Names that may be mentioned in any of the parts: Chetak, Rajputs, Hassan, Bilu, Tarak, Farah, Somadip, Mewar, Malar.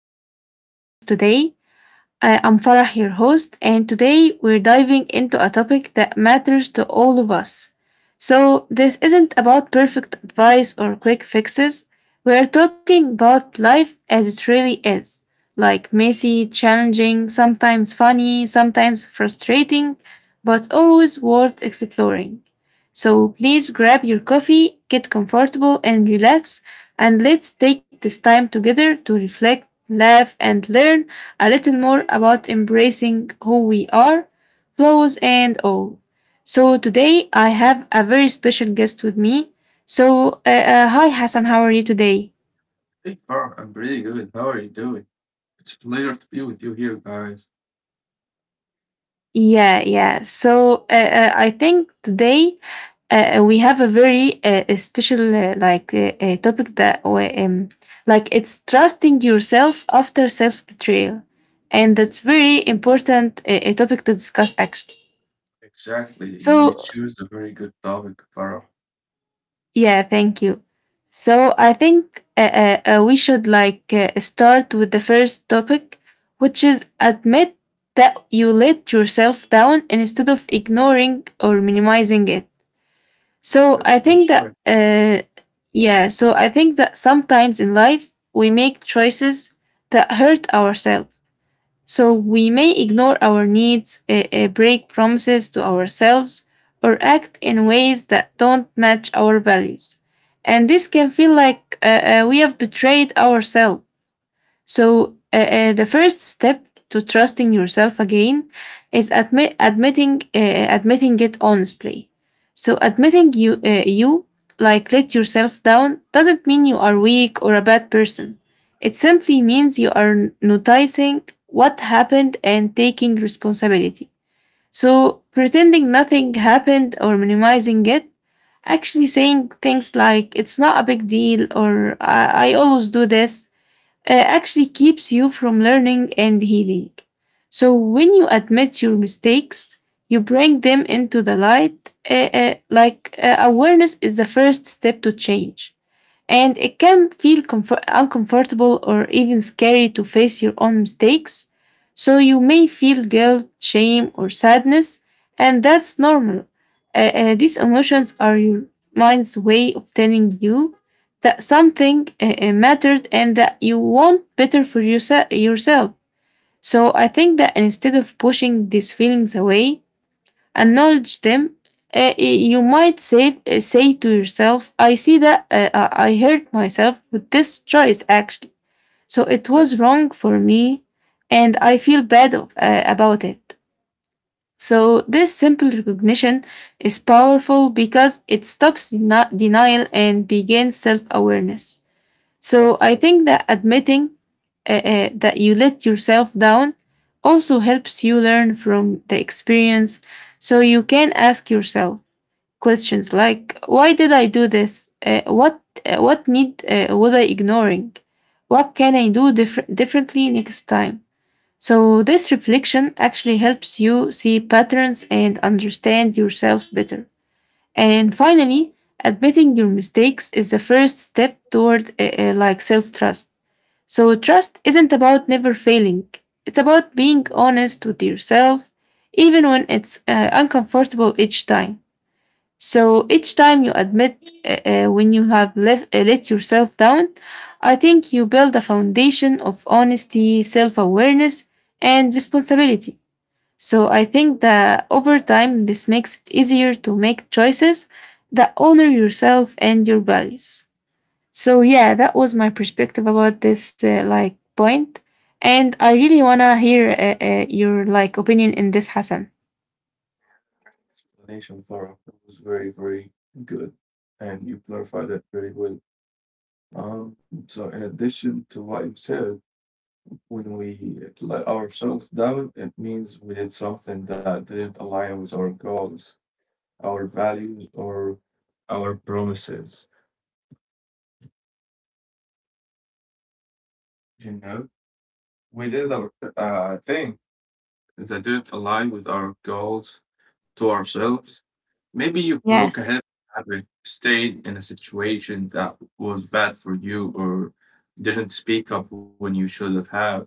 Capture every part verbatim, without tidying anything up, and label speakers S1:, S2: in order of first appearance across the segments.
S1: to our podcast today. Uh, I'm Farah, your host, and today we're diving into a topic that matters to all of us. So, this isn't about perfect advice or quick fixes. We're talking about life as it really is, like messy, challenging, sometimes funny, sometimes frustrating, but always worth exploring. So, please grab your coffee, get comfortable, and relax, and let's take this time together to reflect, laugh, and learn a little more about embracing who we are, flaws and all. So today I have a very special guest with me. So, uh, uh, hi Hassan, how are you today?
S2: Hey, Far, I'm pretty good. How are you doing? It's a pleasure to be with you here, guys.
S1: Yeah, yeah. So uh, uh, I think today uh, uh, we have a very uh, uh, special uh, like uh, uh, topic that we, um, like, it's trusting yourself after self betrayal, and that's very important, uh, a topic to discuss actually.
S2: Exactly. You
S1: So
S2: choose a very good topic, Farah.
S1: yeah, thank you. So I think uh, uh, uh, we should, like, uh, start with the first topic, which is admit that you let yourself down instead of ignoring or minimizing it.
S2: Oh,
S1: So I
S2: that's a good
S1: think that
S2: point.
S1: uh, yeah, so I think that sometimes in life we make choices that hurt ourselves, so we may ignore our needs, uh, uh, break promises to ourselves, or act in ways that don't match our values. And this can feel like uh, uh, we have betrayed ourselves. So, uh, uh, the first step to trusting yourself again is admit admitting uh, uh, admitting it honestly. So, admitting you uh, you, like, let yourself down doesn't mean you are weak or a bad person. It simply means you are noticing what happened and taking responsibility. So, pretending nothing happened or minimizing it, actually saying things like it's not a big deal or I, I always do this, uh, actually keeps you from learning and healing. So when you admit your mistakes, you bring them into the light. Uh, uh, like uh, awareness is the first step to change. And it can feel comfor- uncomfortable or even scary to face your own mistakes. So you may feel guilt, shame, or sadness, and that's normal. Uh, uh, these emotions are your mind's way of telling you that something uh, uh, mattered and that you want better for yourse- yourself. So I think that instead of pushing these feelings away, acknowledge them. Uh, you might say, uh, say to yourself, I see that uh, uh, I hurt myself with this choice, actually. So it
S2: Exactly.
S1: was wrong for me, and I feel bad of- uh, about it. So this simple recognition is powerful because it stops deni- denial and begins self awareness. So
S2: That
S1: I
S2: like,
S1: think that admitting uh, uh, that you let yourself down also helps you learn from the experience. So you can ask yourself questions like, "Why did I do this? Uh, what uh, what need uh, was I ignoring? What can I do different differently next time?" So this reflection actually helps you see patterns and understand yourself better. And finally, admitting your mistakes is the first step toward uh, uh, like self trust, so trust isn't about never failing. It's about being honest with yourself, even when it's uh, uncomfortable each time. So each time you admit uh, uh, when you have left, uh, let yourself down, I think you build a foundation of honesty, self awareness, and responsibility. So I think that over time, this makes it easier to make choices that honor yourself and your values. So yeah, that was my perspective about this, uh, like, point, and I really wanna hear uh, uh, your, like, opinion in this, Hassan.
S2: Explanation, Farah. It was very, very good. And you clarified that very well. Um, so in addition to what you said, when we let ourselves down, it means we did something that didn't align with our goals, our values, or our promises. You know, we did a uh, thing that didn't align with our goals to ourselves. Maybe you broke
S1: Yeah,
S2: a habit, habit, stayed in a situation that was bad for you, or didn't speak up when you should have. Have.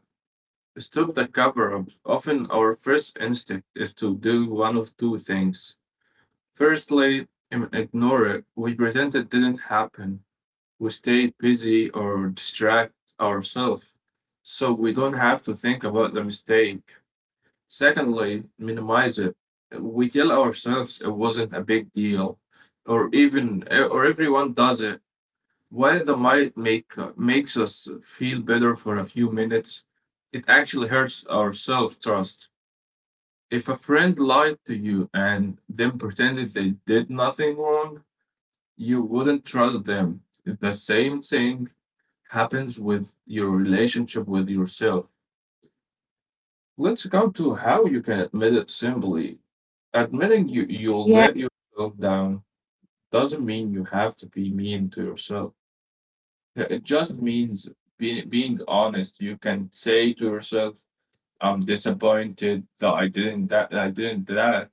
S2: Stop the cover up. Often, our first instinct is to do one of two things. Firstly, im- ignore it. We pretend it didn't happen. We stay busy or distract ourselves so we don't have to think about the mistake. Secondly, minimize it. We tell ourselves it wasn't a big deal, or even or everyone does it. While the might make makes us feel better for a few minutes, it actually hurts our self trust. If a friend lied to you and then pretended they did nothing wrong, you wouldn't trust them. The same thing happens with your relationship with yourself. Let's come to how you can admit it simply. Admitting you you'll
S1: yeah,
S2: let yourself down doesn't mean you have to be mean to yourself. Yeah, it just means being being honest. You can say to yourself, "I'm disappointed that I didn't that I didn't that.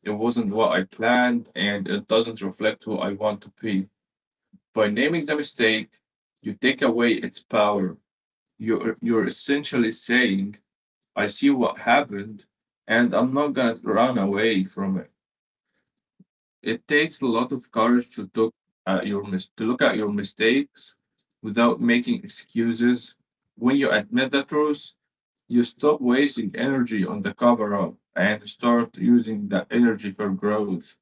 S2: It wasn't what I planned, and it doesn't reflect who I want to be." By naming the mistake, you take away its power. You're you're essentially saying, "I see what happened, and I'm not gonna run away from it." It takes a lot of courage to look at your mis- to look at your mistakes without making excuses. When you admit the truth, you stop wasting energy on the cover up and start using that energy for growth.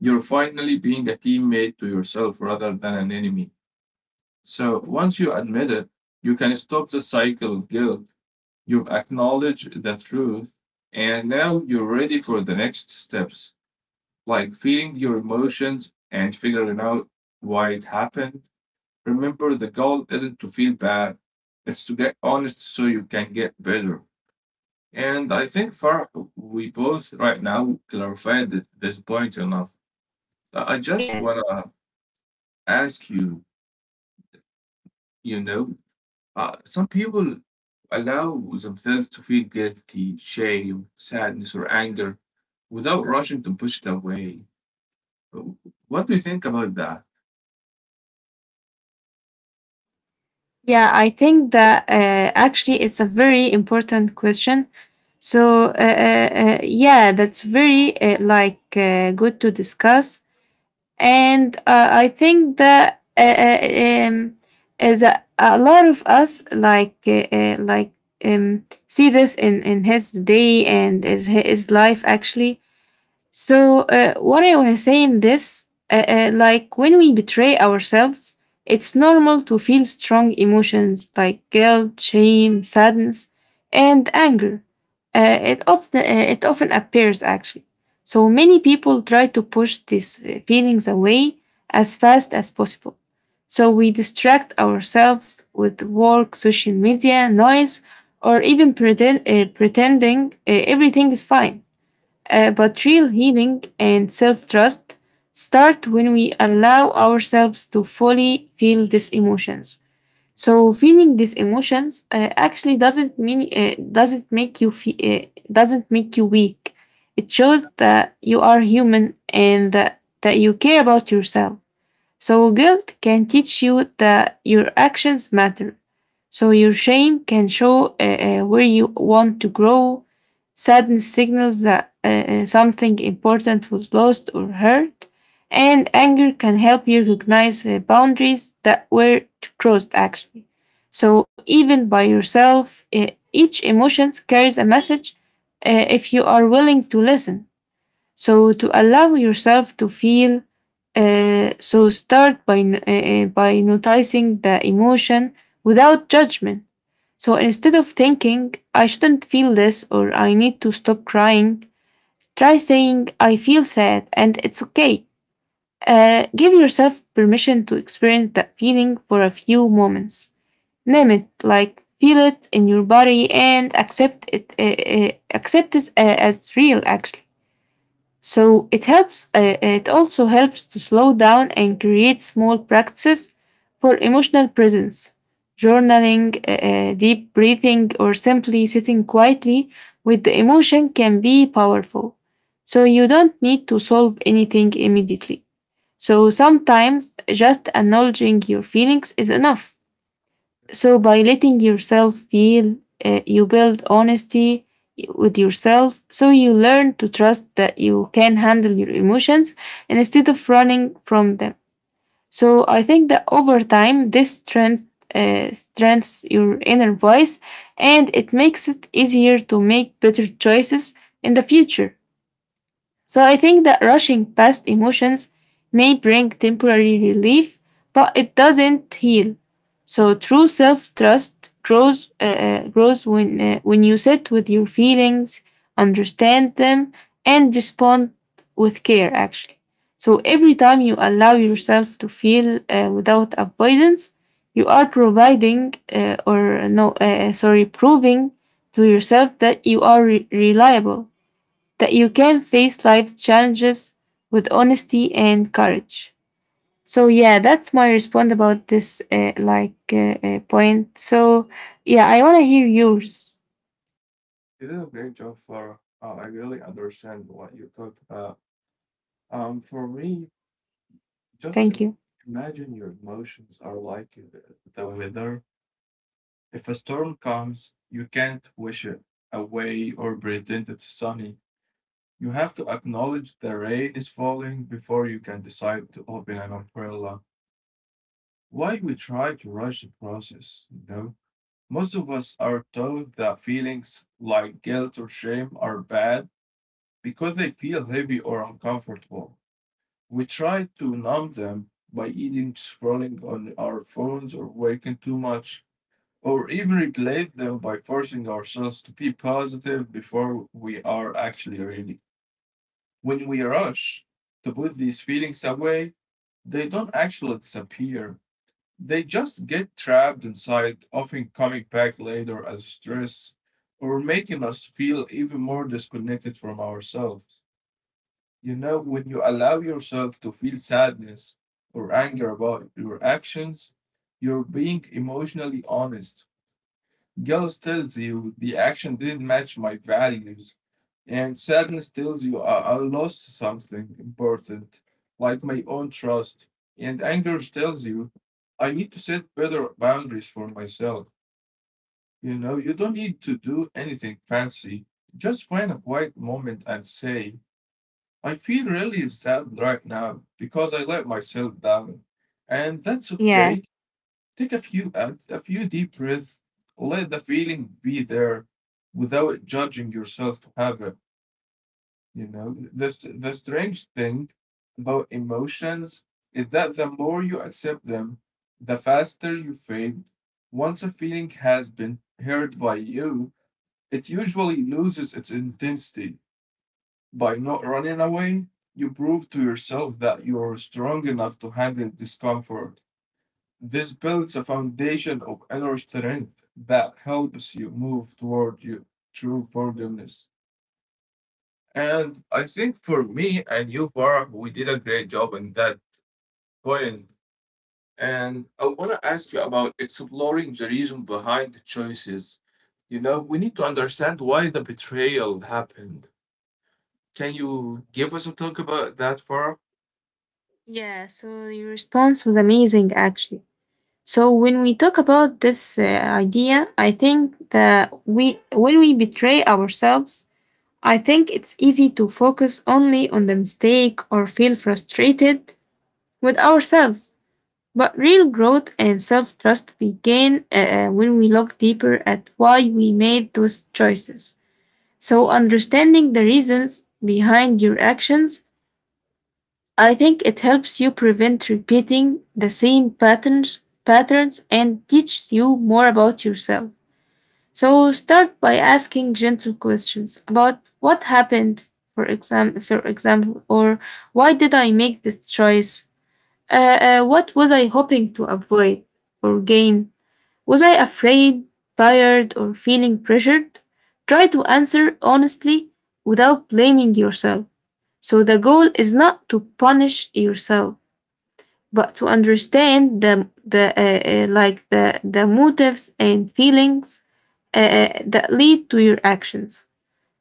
S2: You're finally being a teammate to yourself rather than an enemy. So once you admit it, you can stop the cycle of guilt. You've acknowledged the truth, and now you're ready for the next steps, like feeling your emotions and figuring out why it happened. Remember, the goal isn't to feel bad, it's to get honest so you can get better. And I think, Far, we both right now clarified th- this point enough. I I just
S1: yeah.
S2: wanna ask you, you know, uh, some people allow themselves to feel guilty, shame, sadness, or anger without rushing to push it away. What do you think about that?
S1: Yeah, I think that uh, actually it's a very important question. So uh, uh, uh, yeah, that's very uh, like uh, good to discuss, and uh, I think that uh, uh, um, is a, a lot of us like uh, uh, like um, see this in in his day and is his life actually. So, uh, what I want to say in this, uh, uh, like, when we betray ourselves, it's normal to feel strong emotions like guilt, shame, sadness, and anger. Uh, it often uh, it often appears actually. So many people try to push these uh, feelings away as fast as possible. So we distract ourselves with work, social media, noise, or even pretend, uh, pretending uh, everything is fine. Uh, but real healing and self trust start when we allow ourselves to fully feel these emotions. So feeling these emotions uh, actually doesn't mean uh, doesn't make you feel uh, doesn't make you weak. It shows that you are human and that, that you care about yourself. So guilt can teach you that your actions matter. So your shame can show uh, uh, where you want to grow. Sadness signals that uh, uh, something important was lost or hurt. And anger can help you recognize uh, boundaries that were crossed actually. So even by yourself, uh, each emotion carries a message uh, if you are willing to listen. So to
S2: So
S1: allow yourself to feel, uh, so start by n- uh, uh, by noticing the emotion without judgment. So instead of thinking I shouldn't feel this or I need to stop crying, try saying I feel sad and it's okay. Uh, give yourself permission to experience that feeling for a few moments. Name it, like feel it in your body and accept it, uh, uh, accept it uh, as real actually. So it helps, uh, it also helps to slow down and create small practices for emotional presence. Journaling, uh, uh, deep breathing, or simply sitting quietly with the emotion can be powerful. So you don't need to solve anything immediately. So sometimes just acknowledging your feelings is enough. So, by letting yourself feel, uh, you build honesty with yourself. So, you learn to trust that you can handle your emotions instead of running from them. So, I think that over time, this strength, uh, strengthens your inner voice and it makes it easier to make better choices in the future. So I think that rushing past emotions may bring temporary relief, but it doesn't heal. So true self-trust grows uh, uh, grows when uh, when you sit with your feelings, understand them, and respond with care. Actually, so every time you allow yourself to feel uh, without avoidance, you are providing uh, or no, uh, sorry, proving to yourself that you are re- reliable, that you can face life's challenges with honesty and courage. So yeah, that's my response about this, uh, like uh, uh, point. So yeah, I want to hear yours.
S2: you did a great job for uh, I really understand what you talked about. Um, for me, just
S1: Thank
S2: im-
S1: you.
S2: imagine your emotions are like the, the weather. If a storm comes, you can't wish it away or pretend it's sunny. You have to acknowledge the rain is falling before you can decide to open an umbrella. Why we try to rush the process, you know? Most of us are told that feelings like guilt or shame are bad because they feel heavy or uncomfortable. We try to numb them by eating, scrolling on our phones, or working too much, or even replace them by forcing ourselves to be positive before we are actually ready. When we rush to put these feelings away, they don't actually disappear. They just get trapped inside, often coming back later as stress or making us feel even more disconnected from ourselves. You know, when you allow yourself to feel sadness or anger about your actions, you're being emotionally honest. Guilt tells you the action didn't match my values, and sadness tells you I, I lost something important, like my own trust. And anger tells you I need to set better boundaries for myself. You know, you don't need to do anything fancy. Just find a quiet moment and say, I feel really sad right now because I let myself down. And that's
S1: Yeah.
S2: okay. Take a few out, a few deep breaths, let the feeling be there without judging yourself to have it. You know, the, the strange thing about emotions is that the more you accept them, the faster you fade. Once a feeling has been heard by you, it usually loses its intensity. By not running away, you prove to yourself that you are strong enough to handle discomfort. This builds a foundation of inner strength that helps you move toward your true forgiveness. And I think for me and you, Farah, we did a great job in that point. And I want to ask you about exploring the reason behind the choices. You know, we need to understand why the betrayal happened. Can you give us a talk about that, Farah?
S1: Yeah, so your response was amazing actually. So when we talk about this, uh, idea, I think that we when we betray ourselves, I think it's easy to focus only on the mistake or feel frustrated with ourselves. But real growth and self trust begin uh, uh, when we look deeper at why we made those choices. So, understanding the reasons behind your actions, I think it helps you prevent repeating the same patterns, patterns and teaches you more about yourself. So, start by asking gentle questions about what happened, for, exam- for example, or why did I make this choice? Uh, uh, what was I hoping to avoid or gain? Was I afraid, tired, or feeling pressured? Try to answer honestly without blaming yourself. So, the goal is not to punish yourself, but to understand the, the uh, uh, like the, the motives and feelings uh, uh, that lead to your actions.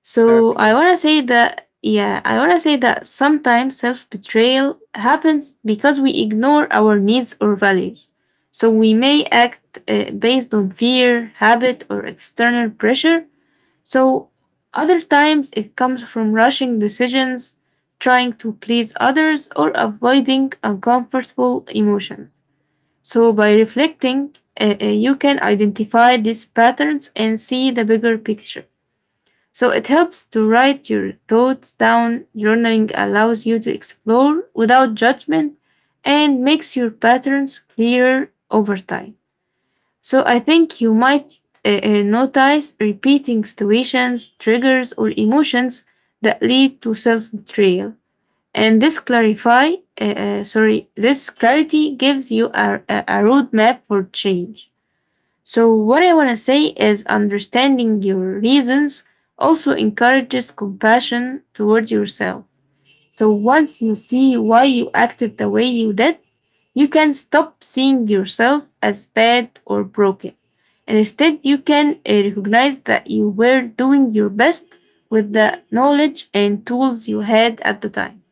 S1: So I
S2: Exactly.
S1: wanna say that yeah, I wanna say that sometimes self betrayal happens because we ignore our needs or values. So we may act uh, based on fear, habit, or external pressure. So other times it comes from rushing decisions, trying to please others, or avoiding uncomfortable emotions. So by reflecting, uh, uh, you can identify these patterns and see the bigger picture. So it helps to write your thoughts down. Journaling allows you to explore without judgment and makes your patterns clearer over time. So I think you might uh, uh, notice repeating situations, triggers, or emotions that lead to self betrayal. And this clarify, uh, uh, sorry, this clarity gives you a, a a roadmap for change. So, what I want to say is understanding your reasons also encourages compassion towards yourself. So, once you see why you acted the way you did, you can stop seeing yourself as bad or broken. And instead, you can uh, recognize that you were doing your best with the knowledge and tools you had at the time.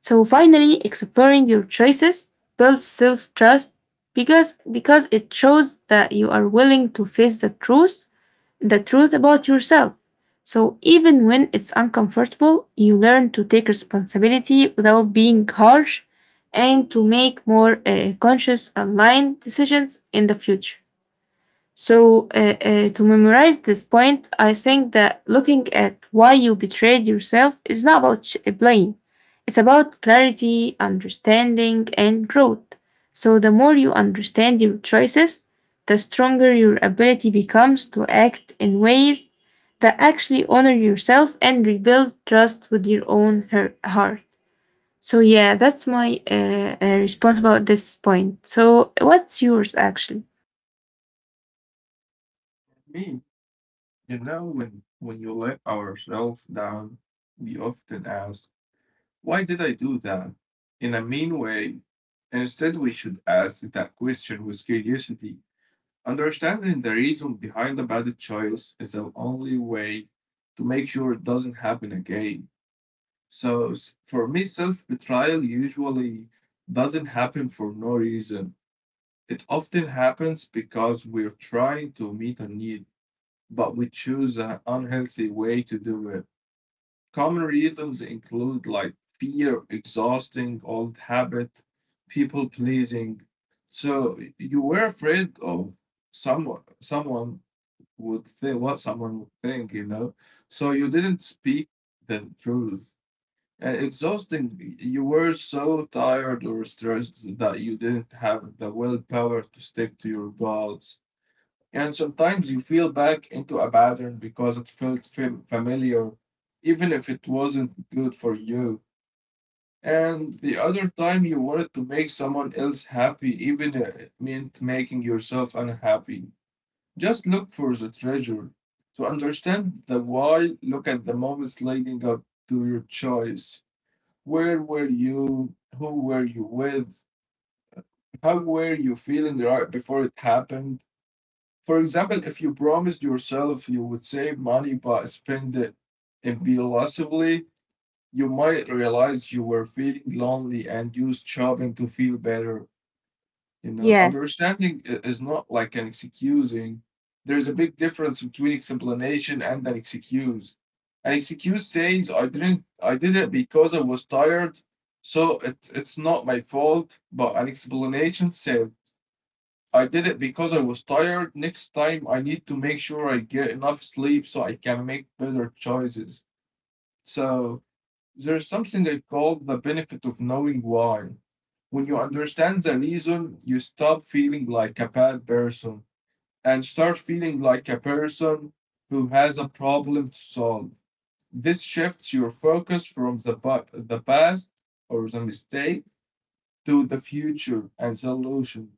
S1: So finally, exploring your choices builds self trust because because it shows that you are willing to face the truth the truth about yourself. So even when it's uncomfortable, you learn to take responsibility without being harsh and to make more uh, conscious aligned decisions in the future. So, uh, uh, to memorize this point, I think that looking at why you betrayed yourself is not about sh- blame. It's about clarity, understanding, and growth. So, the more you understand your choices, the stronger your ability becomes to act in ways that actually honor yourself and rebuild trust with your own her- heart. So, yeah, that's my uh, uh, response about this point. So, what's yours actually?
S2: Me, you know, when when you let ourselves down, we often ask, why did I do that? In a mean way. Instead, we should ask that question with curiosity. Understanding the reason behind a bad choice is the only way to make sure it doesn't happen again. So, s- for me, self betrayal usually doesn't happen for no reason. It often happens because we're trying to meet a need, but we choose an unhealthy way to do it. Common reasons include like fear, exhausting old habit, people pleasing. So you were afraid of someone someone would think, what someone would think, you know. So you didn't speak the truth. Uh, exhausting. You were so tired or stressed that you didn't have the willpower to stick to your goals, and sometimes you feel back into a pattern because it felt fam- familiar, even if it wasn't good for you. And the other time you wanted to make someone else happy, even if it meant making yourself unhappy. Just look for the treasure. To understand the why, look at the moments leading up to your choice. Where were you? Who were you with? How were you feeling right before it happened? For example, if you promised yourself you would save money but spend it impulsively, you might realize you were feeling lonely and used shopping to feel better. You know,
S1: Yeah.
S2: understanding i- is not like an excusing. There's a big difference between explanation and an excuse. An excuse says I didn't I did it because I was tired, so it, it's not my fault, but an explanation says I did it because I was tired. Next time, I need to make sure I get enough sleep so I can make better choices. So, there's something I call the benefit of knowing why. When you understand the reason, you stop feeling like a bad person and start feeling like a person who has a problem to solve. This shifts your focus from the, pa- the past or the mistake to the future and solution.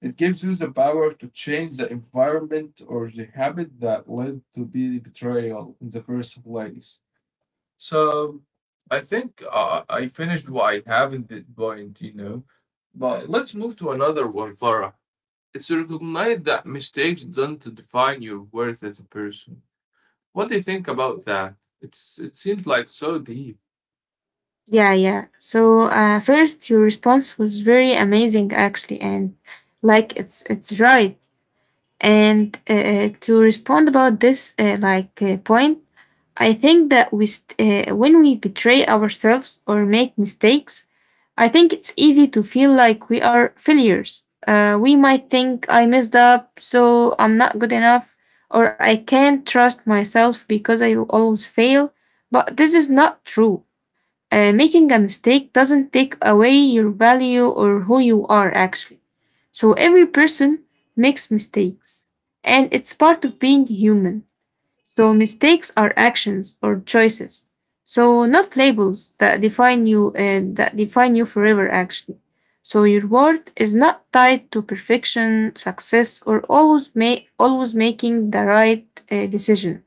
S2: It gives you the power to change the environment or the habit that led to the betrayal in the first place. So I think uh, I finished what I have in this point, you know. But let's move to another one, Farah. It's to recognize that mistakes don't define your worth as a person. What do you think about that? It's it seems like so deep.
S1: Yeah, yeah. So uh, first, your response was very amazing, actually, and like it's it's right. And uh, uh, to respond about this uh, like uh, point, I think that we st- uh, when we betray ourselves or make mistakes, I think it's easy to feel like we are failures. Uh, we might think I messed up, so I'm not good enough, or I can't trust myself because I always fail. But this is not true. Uh, making a mistake doesn't take away your value or who you are actually. So every person makes mistakes and it's part of being human. So mistakes are actions or choices. So not labels that define you and that define you forever actually. So your worth is not tied to perfection, success, or always ma- always making the right uh, decision.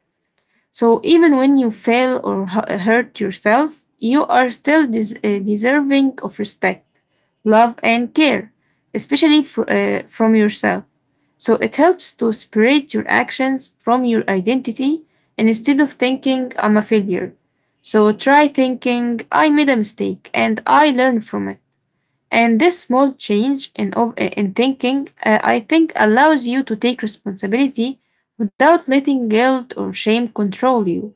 S1: So even when you fail or hu- hurt yourself, you are still des- uh, deserving of respect, love, and care, especially fr- uh, from yourself. So it helps to separate your actions from your identity, and instead of thinking I'm a failure, so try thinking I made a mistake and I learned from it. And this small change in, ob- in thinking, uh, I think, allows you to take responsibility without letting guilt or shame control you.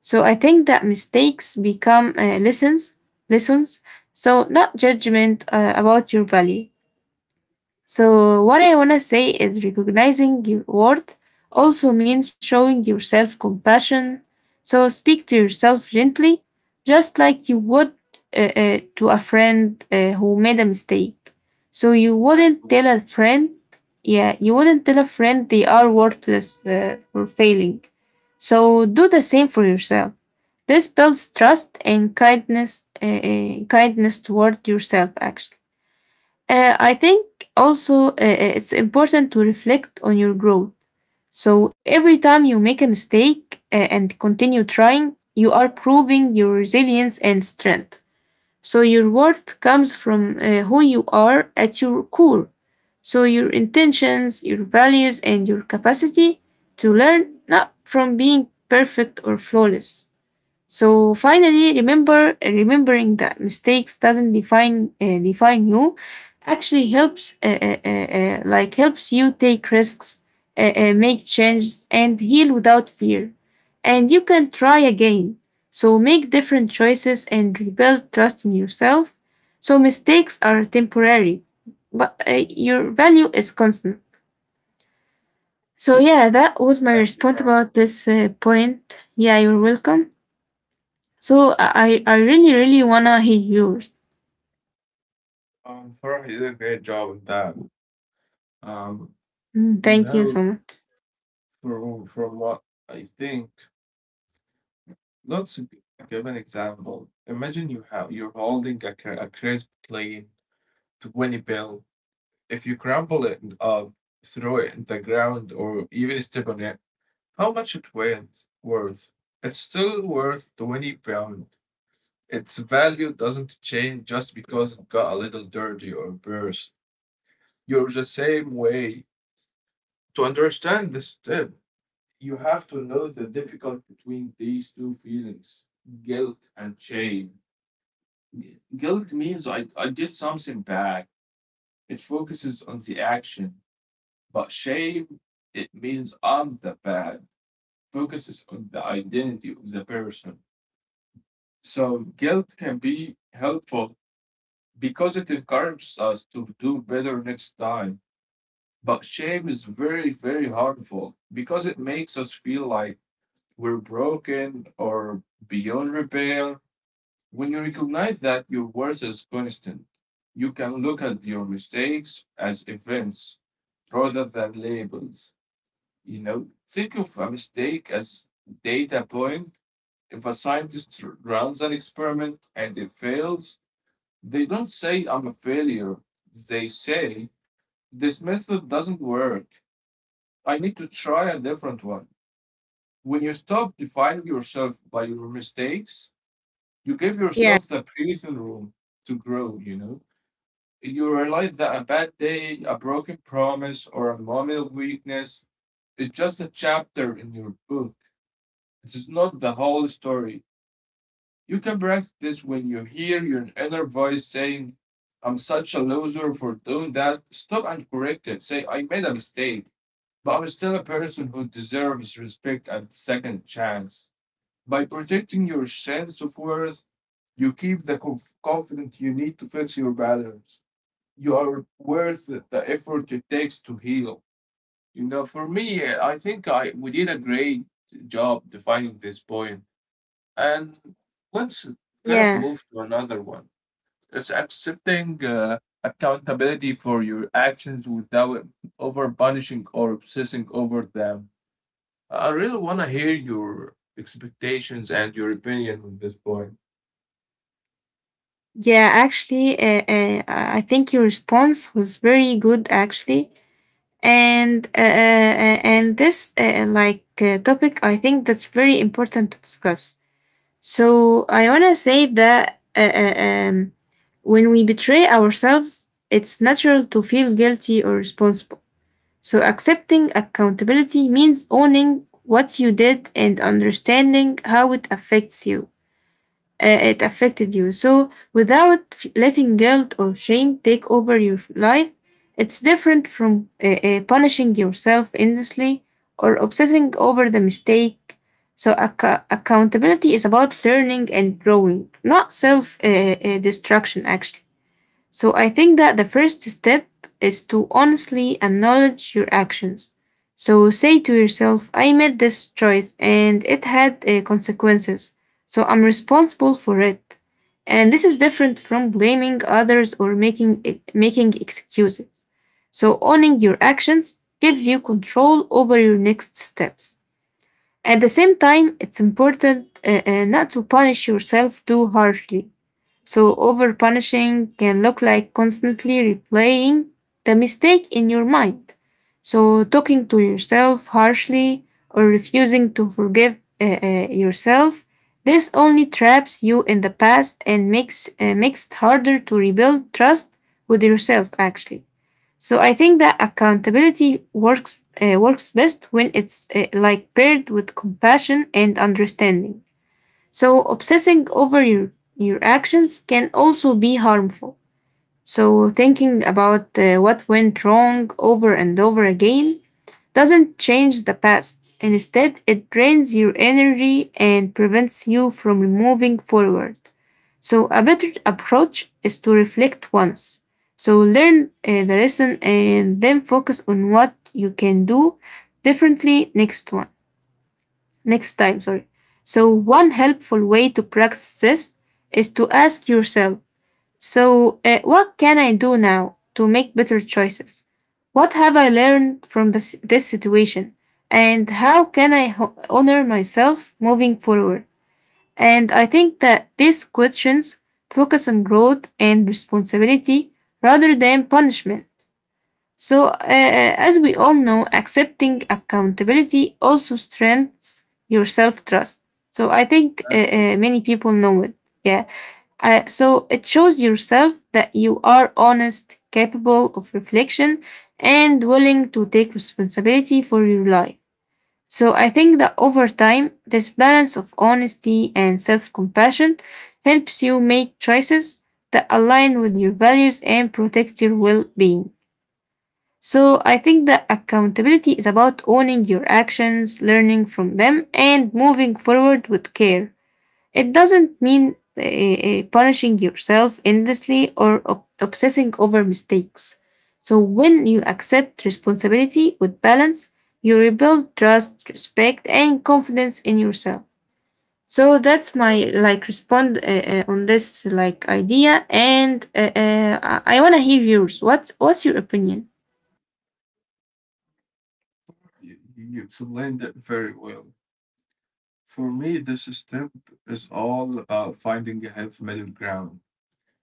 S1: So I think that mistakes become uh, lessons, lessons. So not judgment uh, about your value. So, what I want to say is recognizing your worth also means showing yourself compassion. So, speak to yourself gently, just like you would uh, uh, to a friend uh, who made a mistake. So, you wouldn't tell a friend, yeah, you wouldn't tell a friend they are worthless uh, for failing. So, do the same for yourself. This builds trust and kindness, uh, uh, kindness toward yourself, actually. Uh, I think also uh, uh, it's important to reflect on your growth. So every time you make a mistake uh, and continue trying, you are proving your resilience and strength. So your worth comes from uh, who you are at your core. So your intentions, your values, and your capacity to learn, not from being perfect or flawless. So finally, remember remembering that mistakes doesn't define uh, define you actually helps uh, uh, uh, uh, like helps you take risks, uh, uh, make changes, and heal without fear. And you can try again. So make different choices and rebuild trust in yourself. So mistakes are temporary, but uh, your value is constant. So yeah, that was my
S2: Thank
S1: response
S2: Farah.
S1: about this uh, point. Yeah, you're welcome. So I I I really really wanna hear yours.
S2: Um, Farah, you did a great job with that. Um,
S1: Mm,
S2: you
S1: thank you
S2: know,
S1: so much.
S2: from from what I think, let's g- give an example. Imagine you have you're holding a, cr- a crisp, clean twenty bill. If you crumble it up, throw it in the ground, or even step on it, how much it weighs worth? It's still worth twenty pound. Its value doesn't change just because it got a little dirty or burst. You're the same way. To understand this step, you have to know the difficulty between these two feelings, guilt and shame. Gu- Guilt means I, I did something bad. It focuses on the action. But shame, it means I'm the bad. Focuses on the identity of the person. So guilt can be helpful because it encourages us to do better next time. But shame is very, very harmful because it makes us feel like we're broken or beyond repair. When you recognize that your worth is constant, you can look at your mistakes as events rather than labels. You know, think of a mistake as data point. If a scientist runs an experiment and it fails, they don't say I'm a failure. They say this method doesn't work. I need to try a different one. When you stop defining yourself by your mistakes, you give
S1: Yeah,
S2: yourself the breathing room to grow, you know? You realize that a bad day, a broken promise, or a moment of weakness, it's just a chapter in your book. It is not the whole story. You can practice this when you hear your inner voice saying, I'm such a loser for doing that. Stop and correct it. Say, I made a mistake, but I'm still a person who deserves respect and second chance. By protecting your sense of worth, you keep the conf- confidence you need to fix your patterns. You are worth the effort it takes to heal. You know, for me, I think I we did a great job defining this point. And let's kind of
S1: yeah,
S2: move to another one. It's accepting uh, accountability for your actions without over punishing or obsessing over them. I really want to hear your expectations and your opinion on this point.
S1: yeah. Actually, uh, uh, I I think your response was very good. Actually, and uh, uh, uh, and this uh, like uh, topic, I think that's very important to discuss. So I wanna say that uh, uh, um, when we betray ourselves, it's natural to feel guilty or responsible. So, accepting accountability means owning what you did and understanding how it affects you. Uh, it affected you. So, without f- letting guilt or shame take over your f- life, it's different from uh, uh, punishing yourself endlessly or obsessing over the mistake. So, acc- accountability is about learning and growing, not self uh, uh, destruction, actually. So I think that the first step is to honestly acknowledge your actions. So say to yourself, I made this choice and it had uh, consequences. So I'm responsible for it. And this is different from blaming others or making e, making excuses. So owning your actions gives you control over your next steps. At the same time, it's important uh, uh, not to punish yourself too harshly. So, over punishing can look like constantly replaying the mistake in your mind. So, talking to yourself harshly or refusing to forgive uh, uh, yourself. This only traps you in the past and makes, uh, makes it harder to rebuild trust with yourself, actually. So, I think that accountability works, uh, works best when it's uh, like paired with compassion and understanding. So, obsessing over your, your actions can also be harmful. So, thinking about uh, what went wrong over and over again doesn't change the past. Instead, it drains your energy and prevents you from moving forward. So, a better approach is to reflect once. So, learn uh, the lesson and then focus on what you can do differently next one next time, sorry. So, one helpful way to practice this is to ask yourself. So, uh, what can I do now to make better choices? What have I learned from this, this situation? And how can I ho- honor myself moving forward? And I think that these questions focus on growth and responsibility rather than punishment. So, uh, as we all know, accepting accountability also strengthens your self trust. So, I think uh, uh,
S2: Exactly.
S1: many people know it. Yeah. Uh, so, it shows yourself that you are honest, capable of reflection, and willing to take responsibility for your life. So, I think that over time, this balance of honesty and self compassion helps you make choices that align with your values and protect your well being. So I think that accountability is about owning your actions, learning from them, and moving forward with care. It doesn't mean uh, uh, punishing yourself endlessly or ob- obsessing over mistakes. So when you accept responsibility with balance, you rebuild trust, respect, and confidence in yourself. So that's my like respond uh, uh, on this like idea, and uh, uh, I, wanna hear yours. What's what's your opinion?
S2: You, you explained it very well. For me, this step is all about finding a healthy middle ground.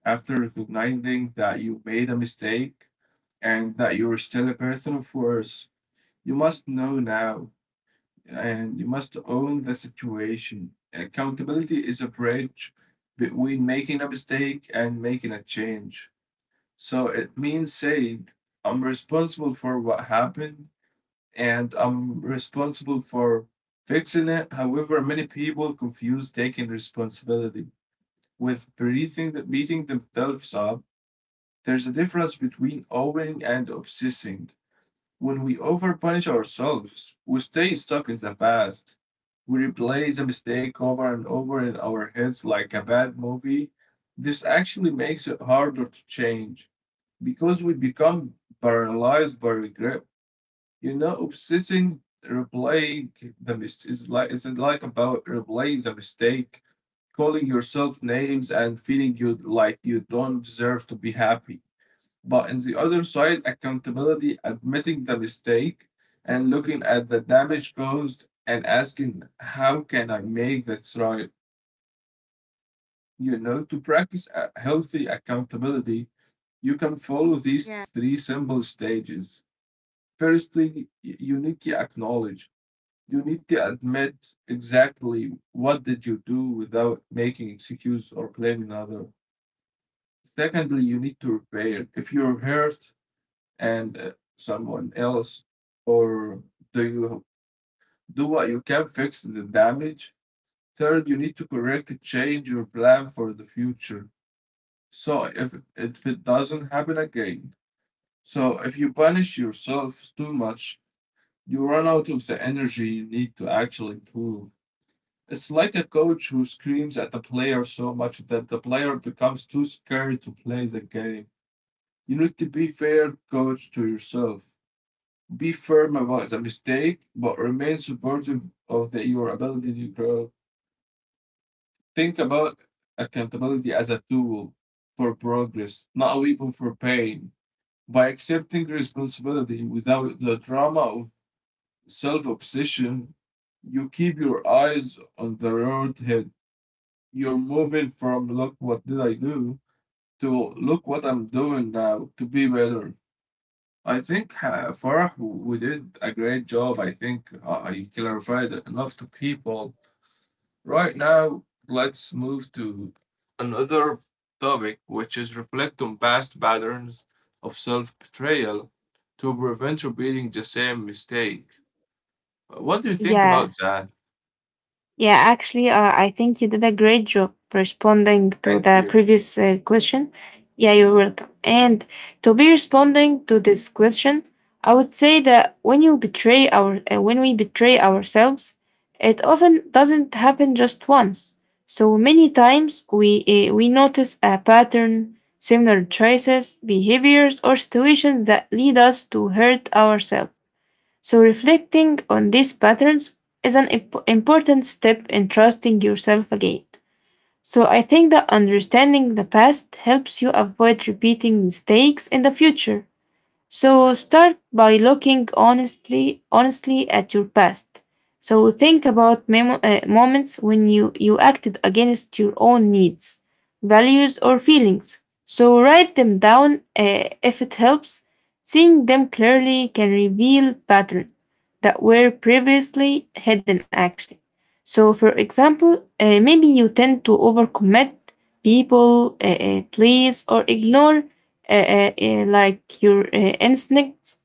S2: After recognizing that you made a mistake and that you're still a person of worth, you must know now, and you must own the situation. Accountability is a bridge between making a mistake and making a change. So it means saying, I'm responsible for what happened and I'm responsible for fixing it. However, many people confuse taking responsibility with breathing, beating themselves up. There's a difference between owning and obsessing. When we overpunish ourselves, we stay stuck in the past. We replay the mistake over and over in our heads like a bad movie. This actually makes it harder to change because we become paralyzed by regret. You know, obsessing, replaying the mistake is like is like about replaying the mistake, calling yourself names, and feeling you like you don't deserve to be happy. But on the other side, accountability, admitting the mistake and looking at the damage caused and asking, how can I make this right? You know, to practice a healthy accountability, you can follow these
S1: Yeah.
S2: three simple stages. Firstly, y- you need to acknowledge. You need to admit exactly what did you do without making excuses or blaming other. Secondly, you need to repair. If you're hurt, and uh, someone else? Or do you do what you can fix the damage? Third, you need to correct and change your plan for the future. So if if it doesn't happen again. So if you punish yourself too much, you run out of the energy you need to actually improve. It's like a coach who screams at the player so much that the player becomes too scared to play the game. You need to be fair coach to yourself. Be firm about the mistake, but remain supportive of the, your ability to grow. Think about accountability as a tool for progress, not a weapon for pain. By accepting responsibility without the drama of self obsession, you keep your eyes on the road ahead. You're moving from look what did I do to look what I'm doing now to be better. I think uh, Farah, we did a great job. I think uh, I clarified enough to people. Right now, let's move to another topic, which is reflect on past patterns of self betrayal to prevent repeating the same mistake. Uh, What do you think
S1: Yeah.
S2: about that?
S1: Yeah, actually, uh, I think you did a great job responding to
S2: Thank
S1: the
S2: you.
S1: previous uh, question. Yeah, you're welcome. And to be responding to this question, I would say that when you betray our, uh, when we betray ourselves, it often doesn't happen just once. So many times we uh, we notice a pattern, similar choices, behaviors, or situations that lead us to hurt ourselves. So, reflecting on these patterns is an imp- important step in trusting yourself again. So, I think that understanding the past helps you avoid repeating mistakes in the future. So
S2: Thank,
S1: start by looking honestly, honestly at your past. So think about memo- uh, moments when you, you acted against your own needs, values, or feelings. So write them down uh, if it helps. Seeing them clearly can reveal patterns that were previously hidden, actually. So, for example, uh, maybe you tend to overcommit people, uh, uh, please, or ignore uh, uh, uh, like your uh, instincts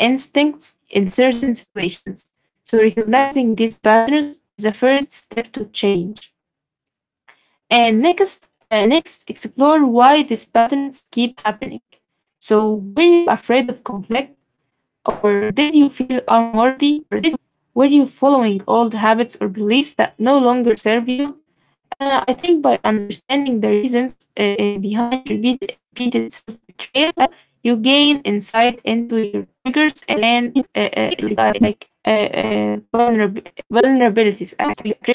S1: instincts in certain situations. So
S2: thank,
S1: recognizing these patterns is the first step to change. And next, uh, next explore why these patterns keep happening. So were you afraid of conflict, or did you feel unworthy? Were you following old habits or beliefs that no longer serve you? Uh, I think by understanding the reasons uh, uh, behind repeat, repeated self betrayal, you gain insight into your triggers and uh, uh, like uh, uh, vulnerab- vulnerabilities, actually.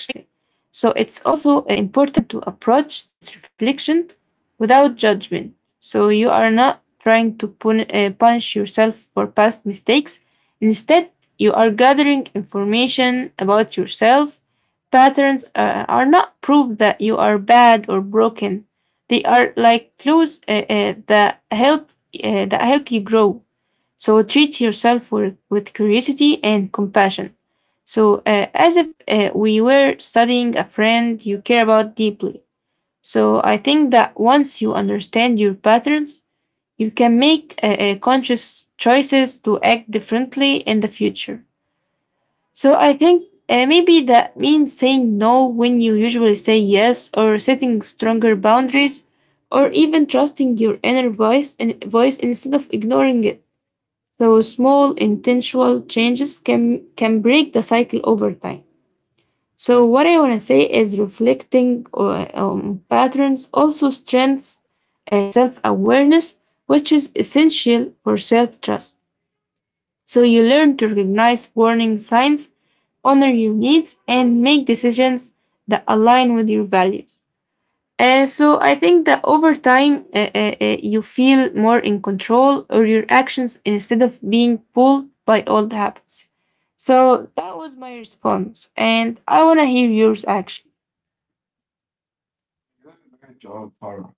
S1: So it's also uh, important to approach this reflection without judgment. So you are not trying to pun- uh, punish yourself for past mistakes. Instead, you are gathering information about yourself. Patterns uh, are not proof that you are bad or broken. They are like clues uh, uh, that help uh, that help you grow. So treat yourself with, with curiosity and compassion. So uh, as if uh, we were studying a friend you care about deeply. So I think that once you understand your patterns, you can make uh, uh, conscious choices to act differently in the future. So I think uh, maybe that means saying no when you usually say yes, or setting stronger boundaries, or even trusting your inner voice and voice instead of ignoring it. So small intentional changes can can break the cycle over time. So
S2: thank you.
S1: what I want to say is reflecting on um, patterns also strengthens uh, self awareness, which is essential for self trust. So you learn to recognize warning signs, honor your needs, and make decisions that align with your values. Uh, so I think that over time, uh, uh, uh, you feel more in control of your actions instead of being pulled by old habits. So that was my response, and I want to hear yours actually.
S2: You did a great job, Farah.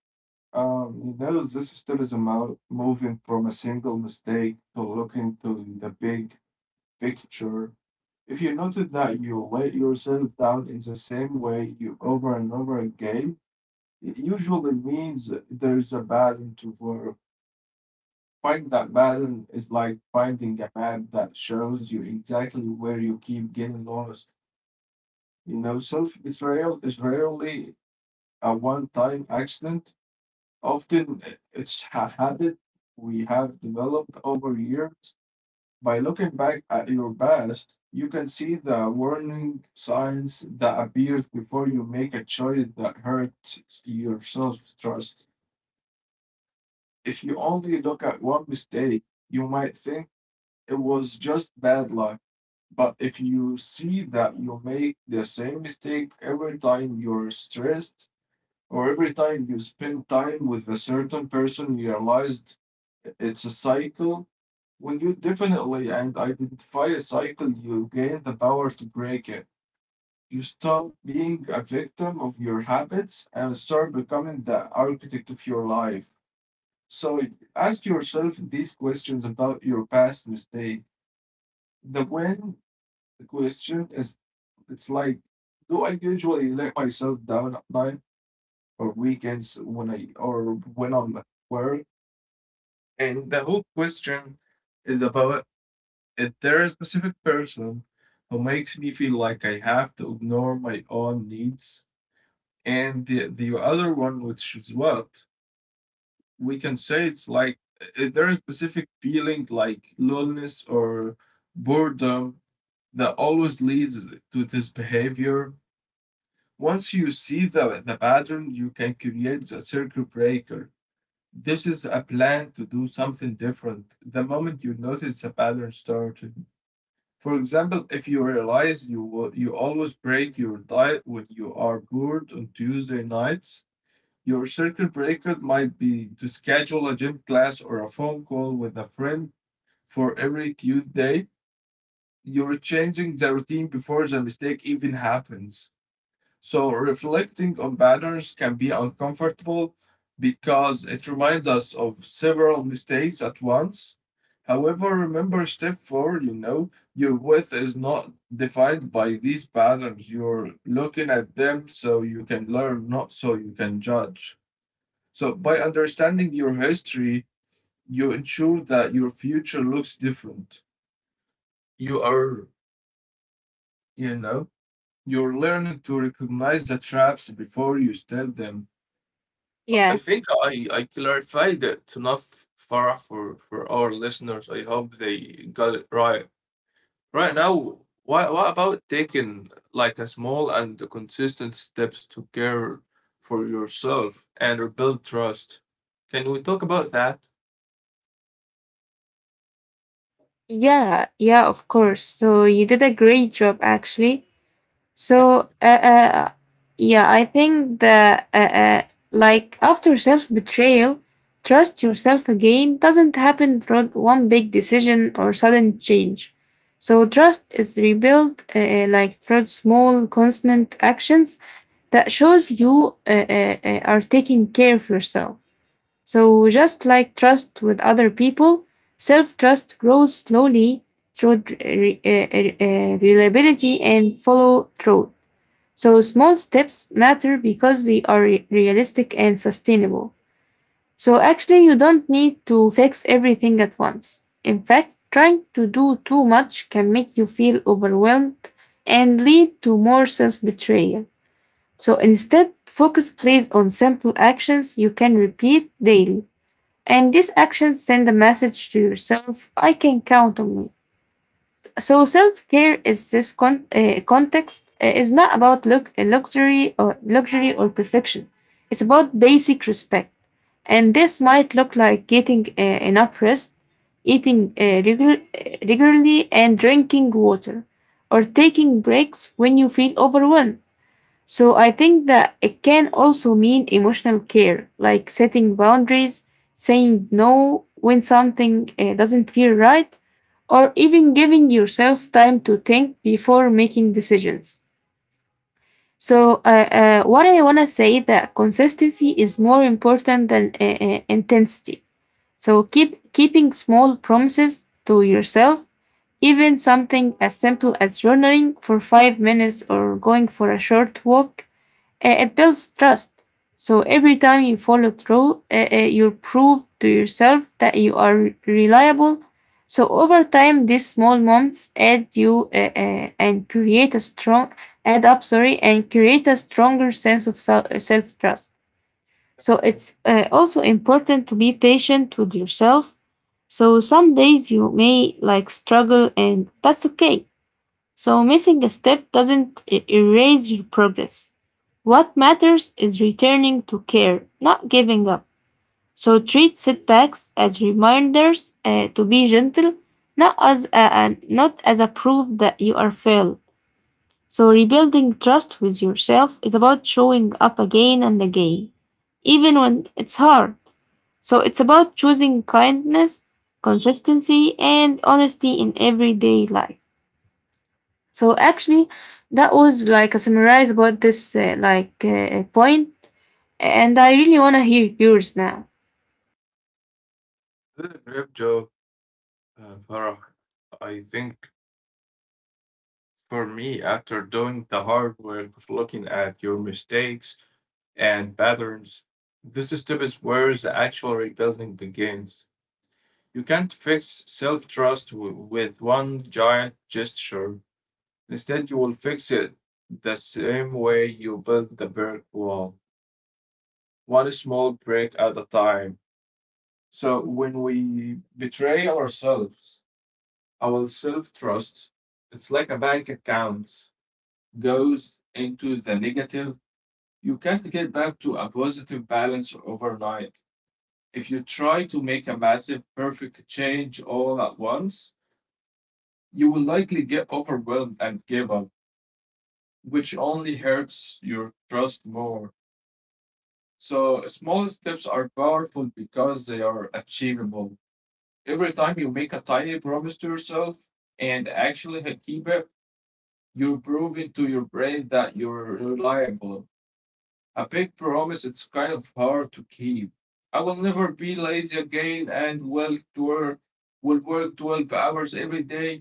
S2: Um, you know, this still is about moving from a single mistake to looking to the big picture. If you notice that you let yourself down in the same way you over and over again, it usually means there is a pattern to follow. Finding that pattern is like finding a map that shows you exactly where you keep getting lost. You know, self betrayal is rarely a one time accident. Often it's a habit we have developed over years. By looking back at your past, you can see the warning signs that appears before you make a choice that hurts your self-trust. If you only look at one mistake, you might think it was just bad luck. But if you see that you make the same mistake every time you're stressed or every time you spend time with a certain person, you realize it's a cycle. When you definitely and identify a cycle, you gain the power to break it. You stop being a victim of your habits and start becoming the architect of your life. So ask yourself these questions about your past mistake. The when question is it's like, do I usually let myself down at night or weekends when I or when I'm at work? And the whole question is about if there is a specific person who makes me feel like I have to ignore my own needs, and the, the other one, which is what we can say it's like if there is a specific feeling like loneliness or boredom that always leads to this behavior. Once you see the, the pattern, you can create a circuit breaker. This is a plan to do something different. The moment you notice the pattern started. For example, if you realize you wa- you always break your diet when you are bored on Tuesday nights, your circuit breaker might be to schedule a gym class or a phone call with a friend for every Tuesday. You're changing the routine before the mistake even happens. So reflecting on patterns can be uncomfortable because it reminds us of several mistakes at once. However, remember step four, you know, your width is not defined by these patterns. You're looking at them so you can learn, not so you can judge. So by understanding your history, you ensure that your future looks different. You are, you know, you're learning to recognize the traps before you step them. I
S1: Yeah.
S2: think I I clarified it enough, Farah, for for our listeners. I hope they got it right. Right now, what what about taking like a small and consistent steps to care for yourself and rebuild trust? Can we talk about that?
S1: Yeah, yeah, of course. So you did a great job actually. So, uh, uh, yeah, I think that, uh, uh, like, after self betrayal, trust yourself again doesn't happen through one big decision or sudden change. So, trust is rebuilt, uh, uh, like, through small, constant actions that shows you uh, uh, uh, are taking care of yourself. So, just like trust with other people, self trust grows slowly through uh, re- uh, uh, uh, reliability and follow through. So small steps matter because they are re- realistic and sustainable. So actually, you don't need to fix everything at once. In fact, trying to do too much can make you feel overwhelmed and lead to more self betrayal. So instead, focus plays on simple actions you can repeat daily. And these actions send a message to yourself I can count on me. So self care is this con- uh, context uh, is not about look uh, luxury or luxury or perfection. It's about basic respect, and this might look like getting uh, enough rest, eating uh, regu- uh, regularly, and drinking water, or taking breaks when you feel overwhelmed. So I think that it can also mean emotional care, like setting boundaries, saying no when something uh, doesn't feel right, or even giving yourself time to think before making decisions. So uh, uh, what I want to say that consistency is more important than uh, uh, intensity. So keep keeping small promises to yourself, even something as simple as journaling for five minutes or going for a short walk uh, it builds trust. So every time you follow through, uh, uh, you prove to yourself that you are re- reliable. So over time, these small moments add you uh, uh, and create a strong add up, sorry, and create a stronger sense of self trust. So
S2: Definitely.
S1: it's uh, also important to be patient with yourself. So some days you may like struggle, and that's okay. So missing a step doesn't e- erase your progress. What matters is returning to care, not giving up. So treat setbacks as reminders uh, to be gentle, not as a, an- not as a proof that you are failed. So rebuilding trust with yourself is about showing up again and again, even when it's hard. So it's about choosing kindness, consistency, and honesty in everyday life. So actually, that was like a summarize about this uh, like uh, point, and I really want to hear yours now.
S2: Did a great job, uh, Farah. I think for me, after doing the hard work of looking at your mistakes and patterns. This step is where the actual rebuilding begins. You can't fix self trust with one giant gesture. Instead, you will fix it the same way you build the brick wall, one small brick at a time. So, when we betray ourselves, our self trust, it's like a bank account, goes into the negative. You can't get back to a positive balance overnight. If you try to make a massive, perfect change all at once, you will likely get overwhelmed and give up, which only hurts your trust more. So, small steps are powerful because they are achievable. Every time you make a tiny promise to yourself and actually keep it, you're proving to your brain that you're reliable. A big promise it's kind of hard to keep. I will never be lazy again and will work will work twelve hours every day.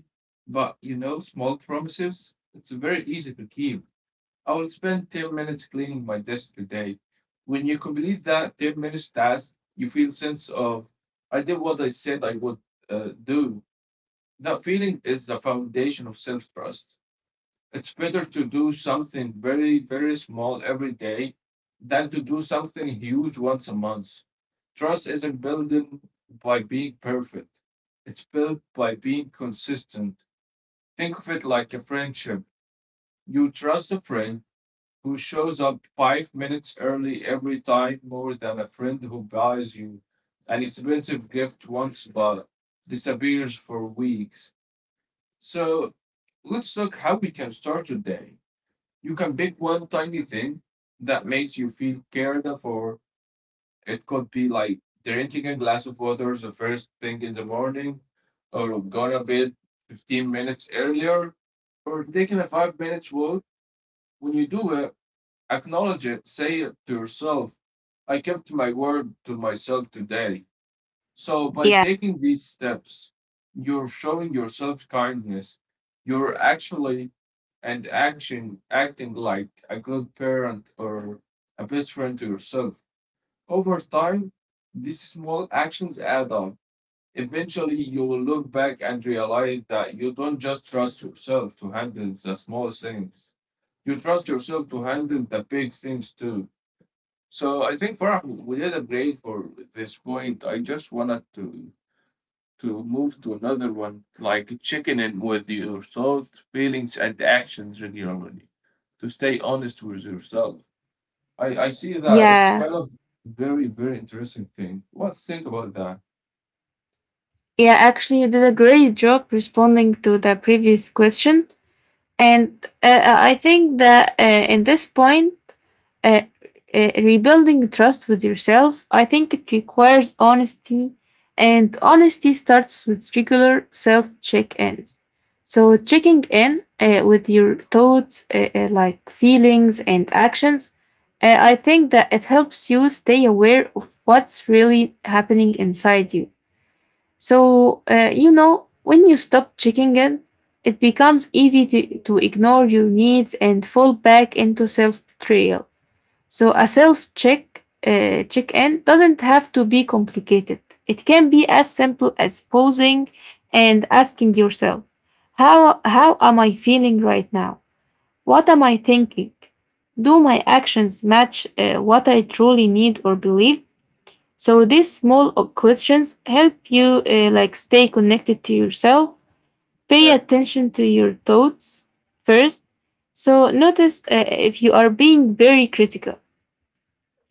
S2: But you know, small promises, it's very easy to keep. I will spend ten minutes cleaning my desk today. When you complete that ten minutes task, you feel sense of I did what I said I would uh, do. That feeling is the foundation of self-trust. It's better to do something very, very small every day than to do something huge once a month. Trust isn't built by being perfect. It's built by being consistent. Think of it like a friendship. You trust a friend who shows up five minutes early every time more than a friend who buys you an expensive gift once but disappears for weeks. So let's look how we can start today. You can pick one tiny thing that makes you feel cared for. It could be like drinking a glass of water the first thing in the morning, or going to bed fifteen minutes earlier, or taking a five minutes walk. When you do it, acknowledge it, say it to yourself. I kept my word to myself today. So by
S1: Yeah.
S2: taking these steps, you're showing yourself kindness. You're actually and action acting like a good parent or a best friend to yourself. Over time, these small actions add up. Eventually, you will look back and realize that you don't just trust yourself to handle the small things. You trust yourself to handle the big things too. So I think Farah, we did a great for this point. I just wanted to to move to another one, like checking in with your thoughts, feelings, and actions regularly to stay honest with yourself. I, I see that it's
S1: Yeah.
S2: kind of very, very interesting thing. What think about that?
S1: Yeah, actually, you did a great job responding to the previous question. And uh, uh, I think that uh, in this point, uh, uh, rebuilding trust with yourself, I think it requires honesty. And honesty starts with regular self check ins. So, checking in uh, with your thoughts, uh, uh, like feelings and actions, and I think that it helps you stay aware of what's really happening inside you. So, uh, you know, when you stop checking in, it becomes easy to, to ignore your needs and fall back into self betrayal. So, a self check, uh, check in doesn't have to be complicated. It can be as simple as pausing and asking yourself, how, how am I feeling right now? What am I thinking? Do my actions match uh, what I truly need or believe? So these small uh, questions help you uh, like stay connected to yourself. Pay
S2: Exactly.
S1: attention to your thoughts first. So notice uh, if you are being very critical,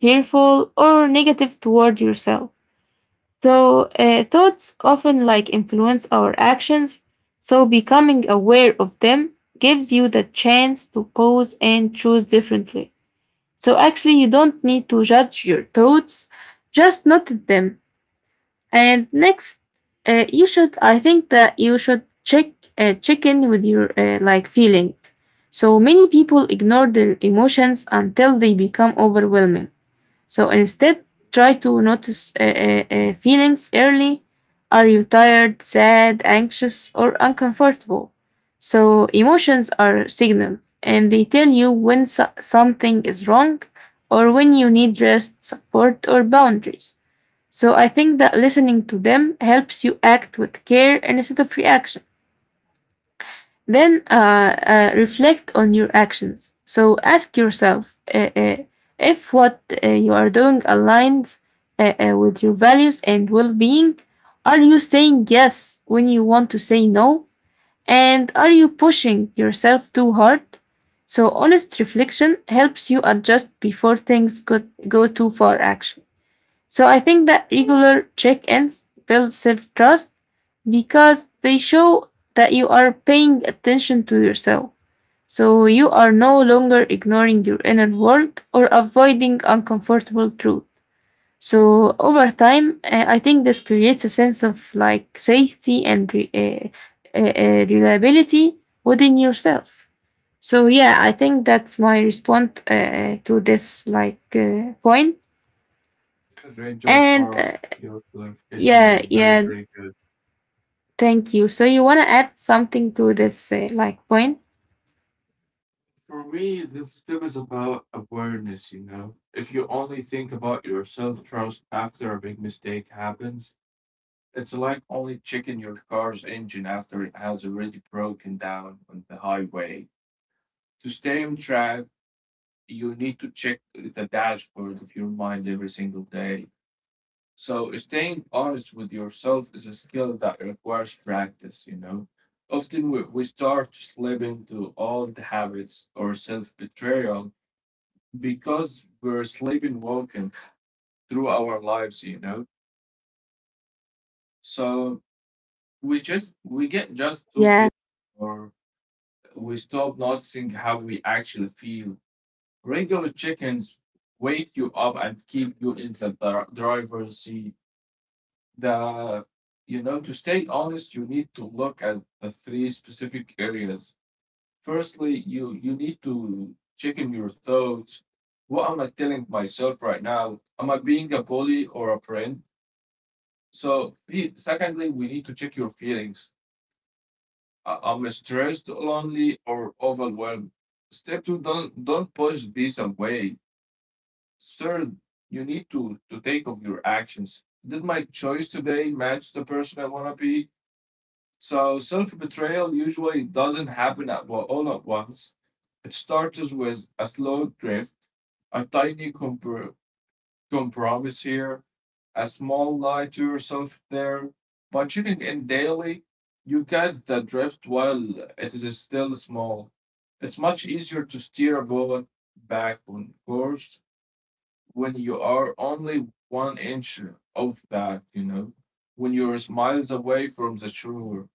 S1: fearful, or negative toward yourself. So uh, thoughts often like influence our actions. So becoming aware of them gives you the chance to pause and choose differently. So actually, you don't need to judge your thoughts, just note them. And next, uh, you should. I think that you should check uh, check in with your uh, like feelings. So many people ignore their emotions until they become overwhelming. So instead, try to notice uh, uh, uh, feelings early. Are you tired, sad, anxious, or uncomfortable? So emotions are signals and they tell you when so- something is wrong or when you need rest, support, or boundaries. So I think that listening to them helps you act with care instead of reaction. Then uh, uh, reflect on your actions. So ask yourself uh, uh, if what uh, you are doing aligns uh, uh, with your values and well being. Are you saying yes when you want to say no? And are you pushing yourself too hard? So, honest reflection helps you adjust before things go, go too far, actually. So I think that regular check ins build self trust because they show that you are paying attention to yourself. So you are no longer ignoring your inner world or avoiding uncomfortable truth. So over time, uh, I think this creates a sense of like safety and re- uh, uh, uh, reliability within yourself. So yeah, I think that's my response uh, to this like uh, point.
S2: It's a great job,
S1: And uh,
S2: Farah. Your clarification
S1: yeah,
S2: was very,
S1: yeah.
S2: very good.
S1: Thank you. So you want to add something to this uh, like point?
S2: For me, this thing is about awareness, you know. If you only think about your self-trust after a big mistake happens, it's like only checking your car's engine after it has already broken down on the highway. To stay on track, you need to check the dashboard of your mind every single day. So staying honest with yourself is a skill that requires practice, you know. Often we, we start to slip into old habits or self-betrayal because we're sleeping walking through our lives, you know so we just we get just too
S1: Yeah,
S2: big or we stop noticing how we actually feel. Regular chickens wake you up and keep you in the dri- driver's seat. The you know To stay honest, you need to look at the three specific areas. Firstly, you you need to check in your thoughts. What am I telling myself right now? Am I being a bully or a friend? So, fe- secondly, we need to check your feelings. Uh, I'm stressed, lonely, or overwhelmed. Step two, don't don't push this away. Third, you need to to take of your actions. Did my choice today match the person I wanna be? So self betrayal usually doesn't happen at wa- all at once. It starts with a slow drift, a tiny comp- compromise here, a small lie to yourself there. By checking in daily, you get the drift while it is still small. It's much easier to steer a bullet back on course when you are only one inch of that, you know, when you're miles away from the shore.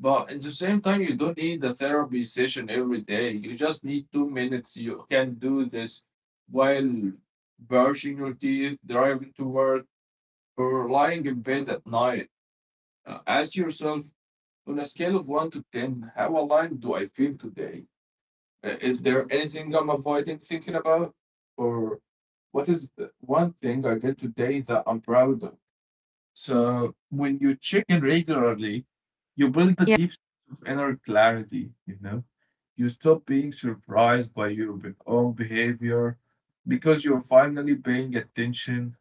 S2: But at the same time, you don't need a therapy session every day. You just need two minutes. You can do this while brushing your teeth, driving to work, or lying in bed at night. Uh, ask yourself, on a scale of one to ten, how aligned do I feel today? Uh, Is there anything I'm avoiding thinking about? Or what is the one thing I did today that I'm proud of? So when you check in regularly, you build the
S1: yeah,
S2: deep sense of inner clarity, you know. You stop being surprised by your be- own behavior because you're finally paying attention.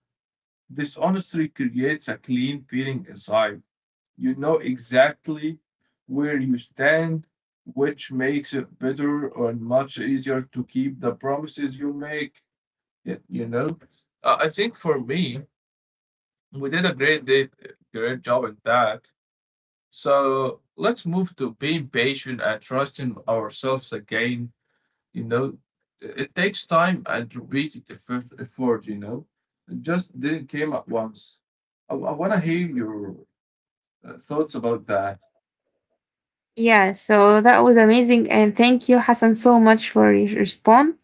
S2: This honestly creates a clean feeling inside. You know exactly where you stand, which makes it better or much easier to keep the promises you make. y- You know, Uh, I think for me, we did a great day, great job at that, so let's move to being patient and trusting ourselves again. You know, it takes time and repeated effort, effort you know. It just didn't came at once. I, I want to hear your uh, thoughts about that.
S1: yeah. So that was amazing, and thank you, Hassan, so much for your response.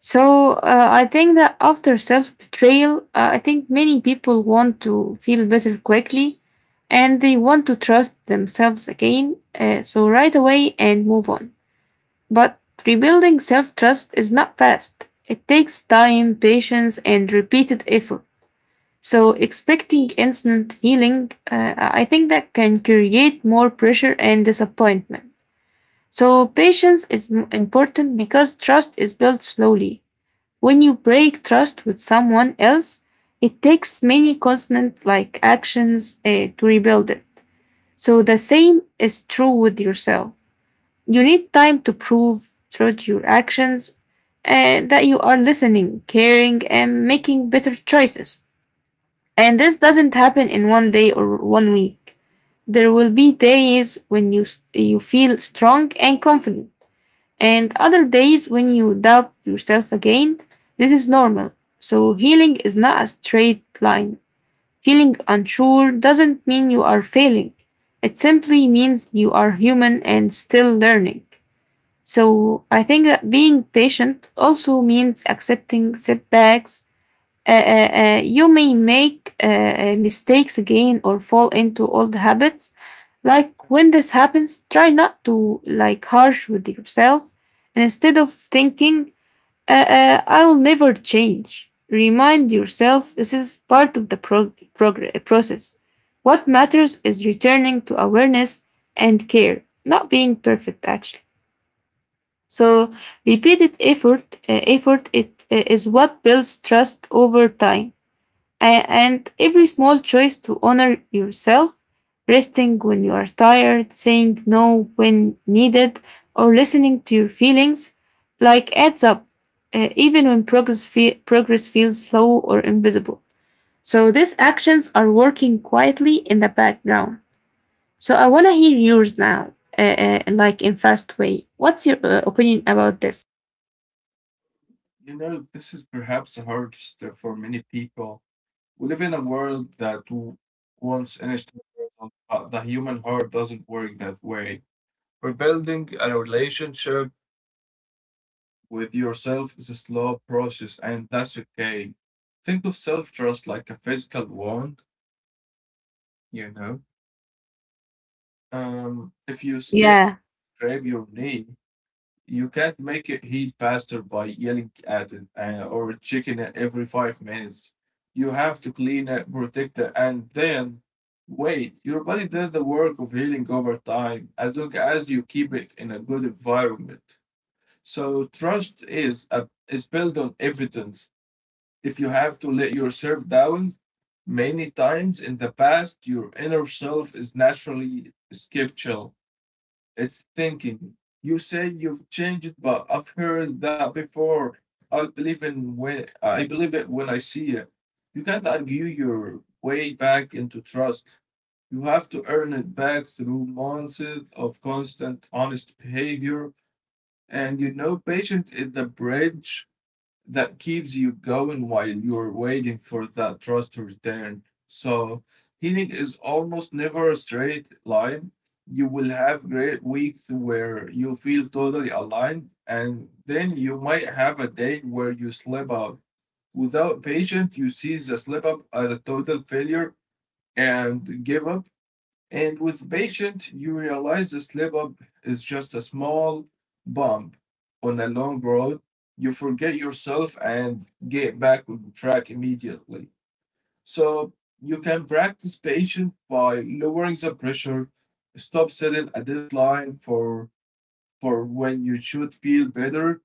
S1: So uh, I think that after self betrayal, uh, I think many people want to feel better quickly, and they want to trust themselves again. Uh, so right away and move on. But rebuilding self trust is not fast. It takes time, patience, and repeated effort. So, expecting instant healing, uh, I think that can create more pressure and disappointment. So, patience is m- important because trust is built slowly. When you break trust with someone else, it takes many constant like actions uh, to rebuild it. So, the same is true with yourself. You need time to prove through your actions uh, that you are listening, caring, and making better choices. And this doesn't happen in one day or one week. There will be days when you, you feel strong and confident, and other days when you doubt yourself again. This is normal. So, healing is not a straight line. Feeling unsure doesn't mean you are failing, it simply means you are human and still learning. So, I think that being patient also means accepting setbacks uh, uh, uh, you may make uh, uh, mistakes again or fall into old habits. Like when this happens, try not to like harsh with yourself, and instead of thinking, uh, uh, "I will never change," remind yourself this is part of the prog- progr- process. What matters is returning to awareness and care, not being perfect actually. So repeated effort, uh, effort it uh, is what builds trust over time. A- And every small choice to honor yourself, resting when you are tired, saying no when needed, or listening to your feelings, like adds up, uh, even when progress, fe- progress feels slow or invisible. So these actions are working quietly in the background. So I want to hear yours now, uh, uh, like in fast way. What's your uh, opinion about this?
S2: You know, this is perhaps a hard step for many people. We live in a world that w- wants instant results, but the human heart doesn't work that way. We're building a relationship with yourself is a slow process, and that's okay. Think of self trust like a physical wound, you know. Um, if you skate,
S1: Yeah.
S2: grab your knee, you can't make it heal faster by yelling at it uh, or checking it every five minutes. You have to clean it, protect it, and then wait. Your body does the work of healing over time as long as you keep it in a good environment. So trust is a, is built on evidence. If you have to let yourself down many times in the past, your inner self is naturally skeptical. It's thinking, you say you've changed, but I've heard that before. I believe in when I believe it when I see it. You can't argue your way back into trust. You have to earn it back through months of constant honest behavior. And you know, patience is the bridge that keeps you going while you're waiting for that trust to return. So, healing is almost never a straight line. You will have great weeks where you feel totally aligned, and then you might have a day where you slip up. Without patience, you see the slip up as a total failure and give up. And with the patient, you realize the slip up is just a small bump on a long road. You forget yourself and get back on track immediately. So you can practice patient by lowering the pressure, stop setting a deadline for for when you should feel better,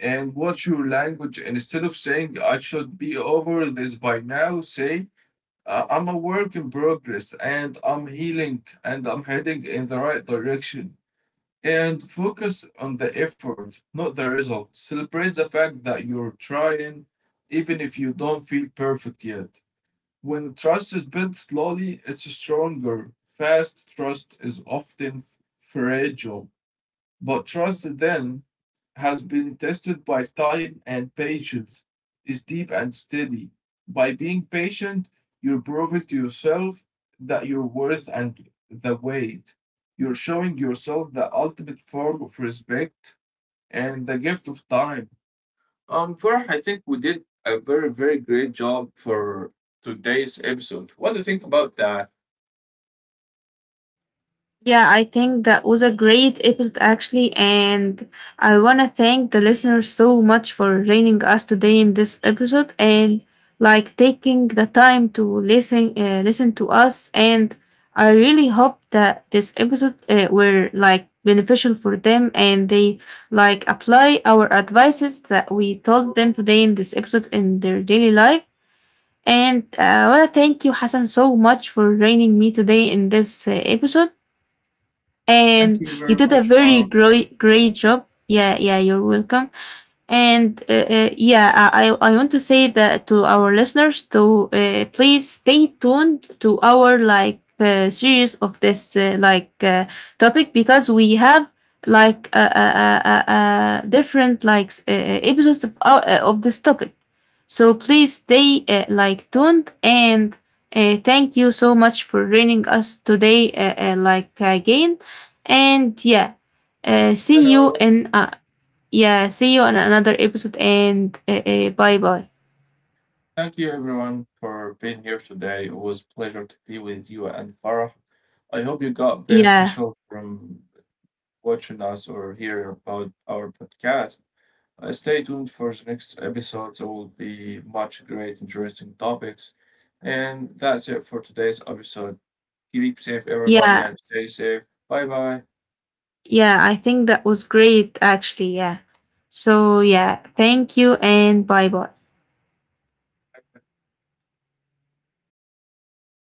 S2: and watch your language. And instead of saying I should be over this by now, say uh, I'm a work in progress and I'm healing and I'm heading in the right direction. And focus on the effort, not the result. Celebrate the fact that you're trying, even if you don't feel perfect yet. When trust is built slowly, it's stronger. Fast trust is often f- fragile. But trust then has been tested by time and patience is deep and steady. By being patient, you're proving to yourself that you're worth and the weight. You're showing yourself the ultimate form of respect and the gift of time. Um, Farah, I think we did a very, very great job for today's episode. What do you think about that?
S1: Yeah, I think that was a great episode actually, and I want to thank the listeners so much for joining us today in this episode and like taking the time to listen uh, listen to us and I really hope that this episode uh, were like beneficial for them and they like apply our advices that we told them today in this episode in their daily life. And uh, I want to thank you, Hassan, so much for joining me today in this uh, episode
S2: Thank
S1: and
S2: you
S1: you
S2: very
S1: did a
S2: much,
S1: very
S2: Farah.
S1: great great job. Yeah, yeah, you're welcome. And uh, uh, yeah, I, I I want to say that to our listeners to uh, please stay tuned to our like uh, series of this uh, like uh, topic because we have like uh, uh, uh, uh, uh, different like s- uh, uh, episodes of our, uh, of this topic. So please stay uh, like tuned and uh, thank you so much for joining us today uh, uh, like again. And yeah, uh,
S2: You
S1: see you
S2: know,
S1: in uh, yeah, see you on another episode and uh, uh, bye bye.
S2: thank you everyone for being here today. Always a pleasure to be with you and Farah. I hope you got
S1: Yeah,
S2: beneficial from watching us or hearing about our podcast. Uh, stay tuned for the next episode. There will be much great, interesting topics. And that's it for today's episode. Keep safe, everybody,
S1: yeah,
S2: and stay safe. Bye bye.
S1: yeah. I think that was great actually. Yeah. So, yeah, thank you and bye bye.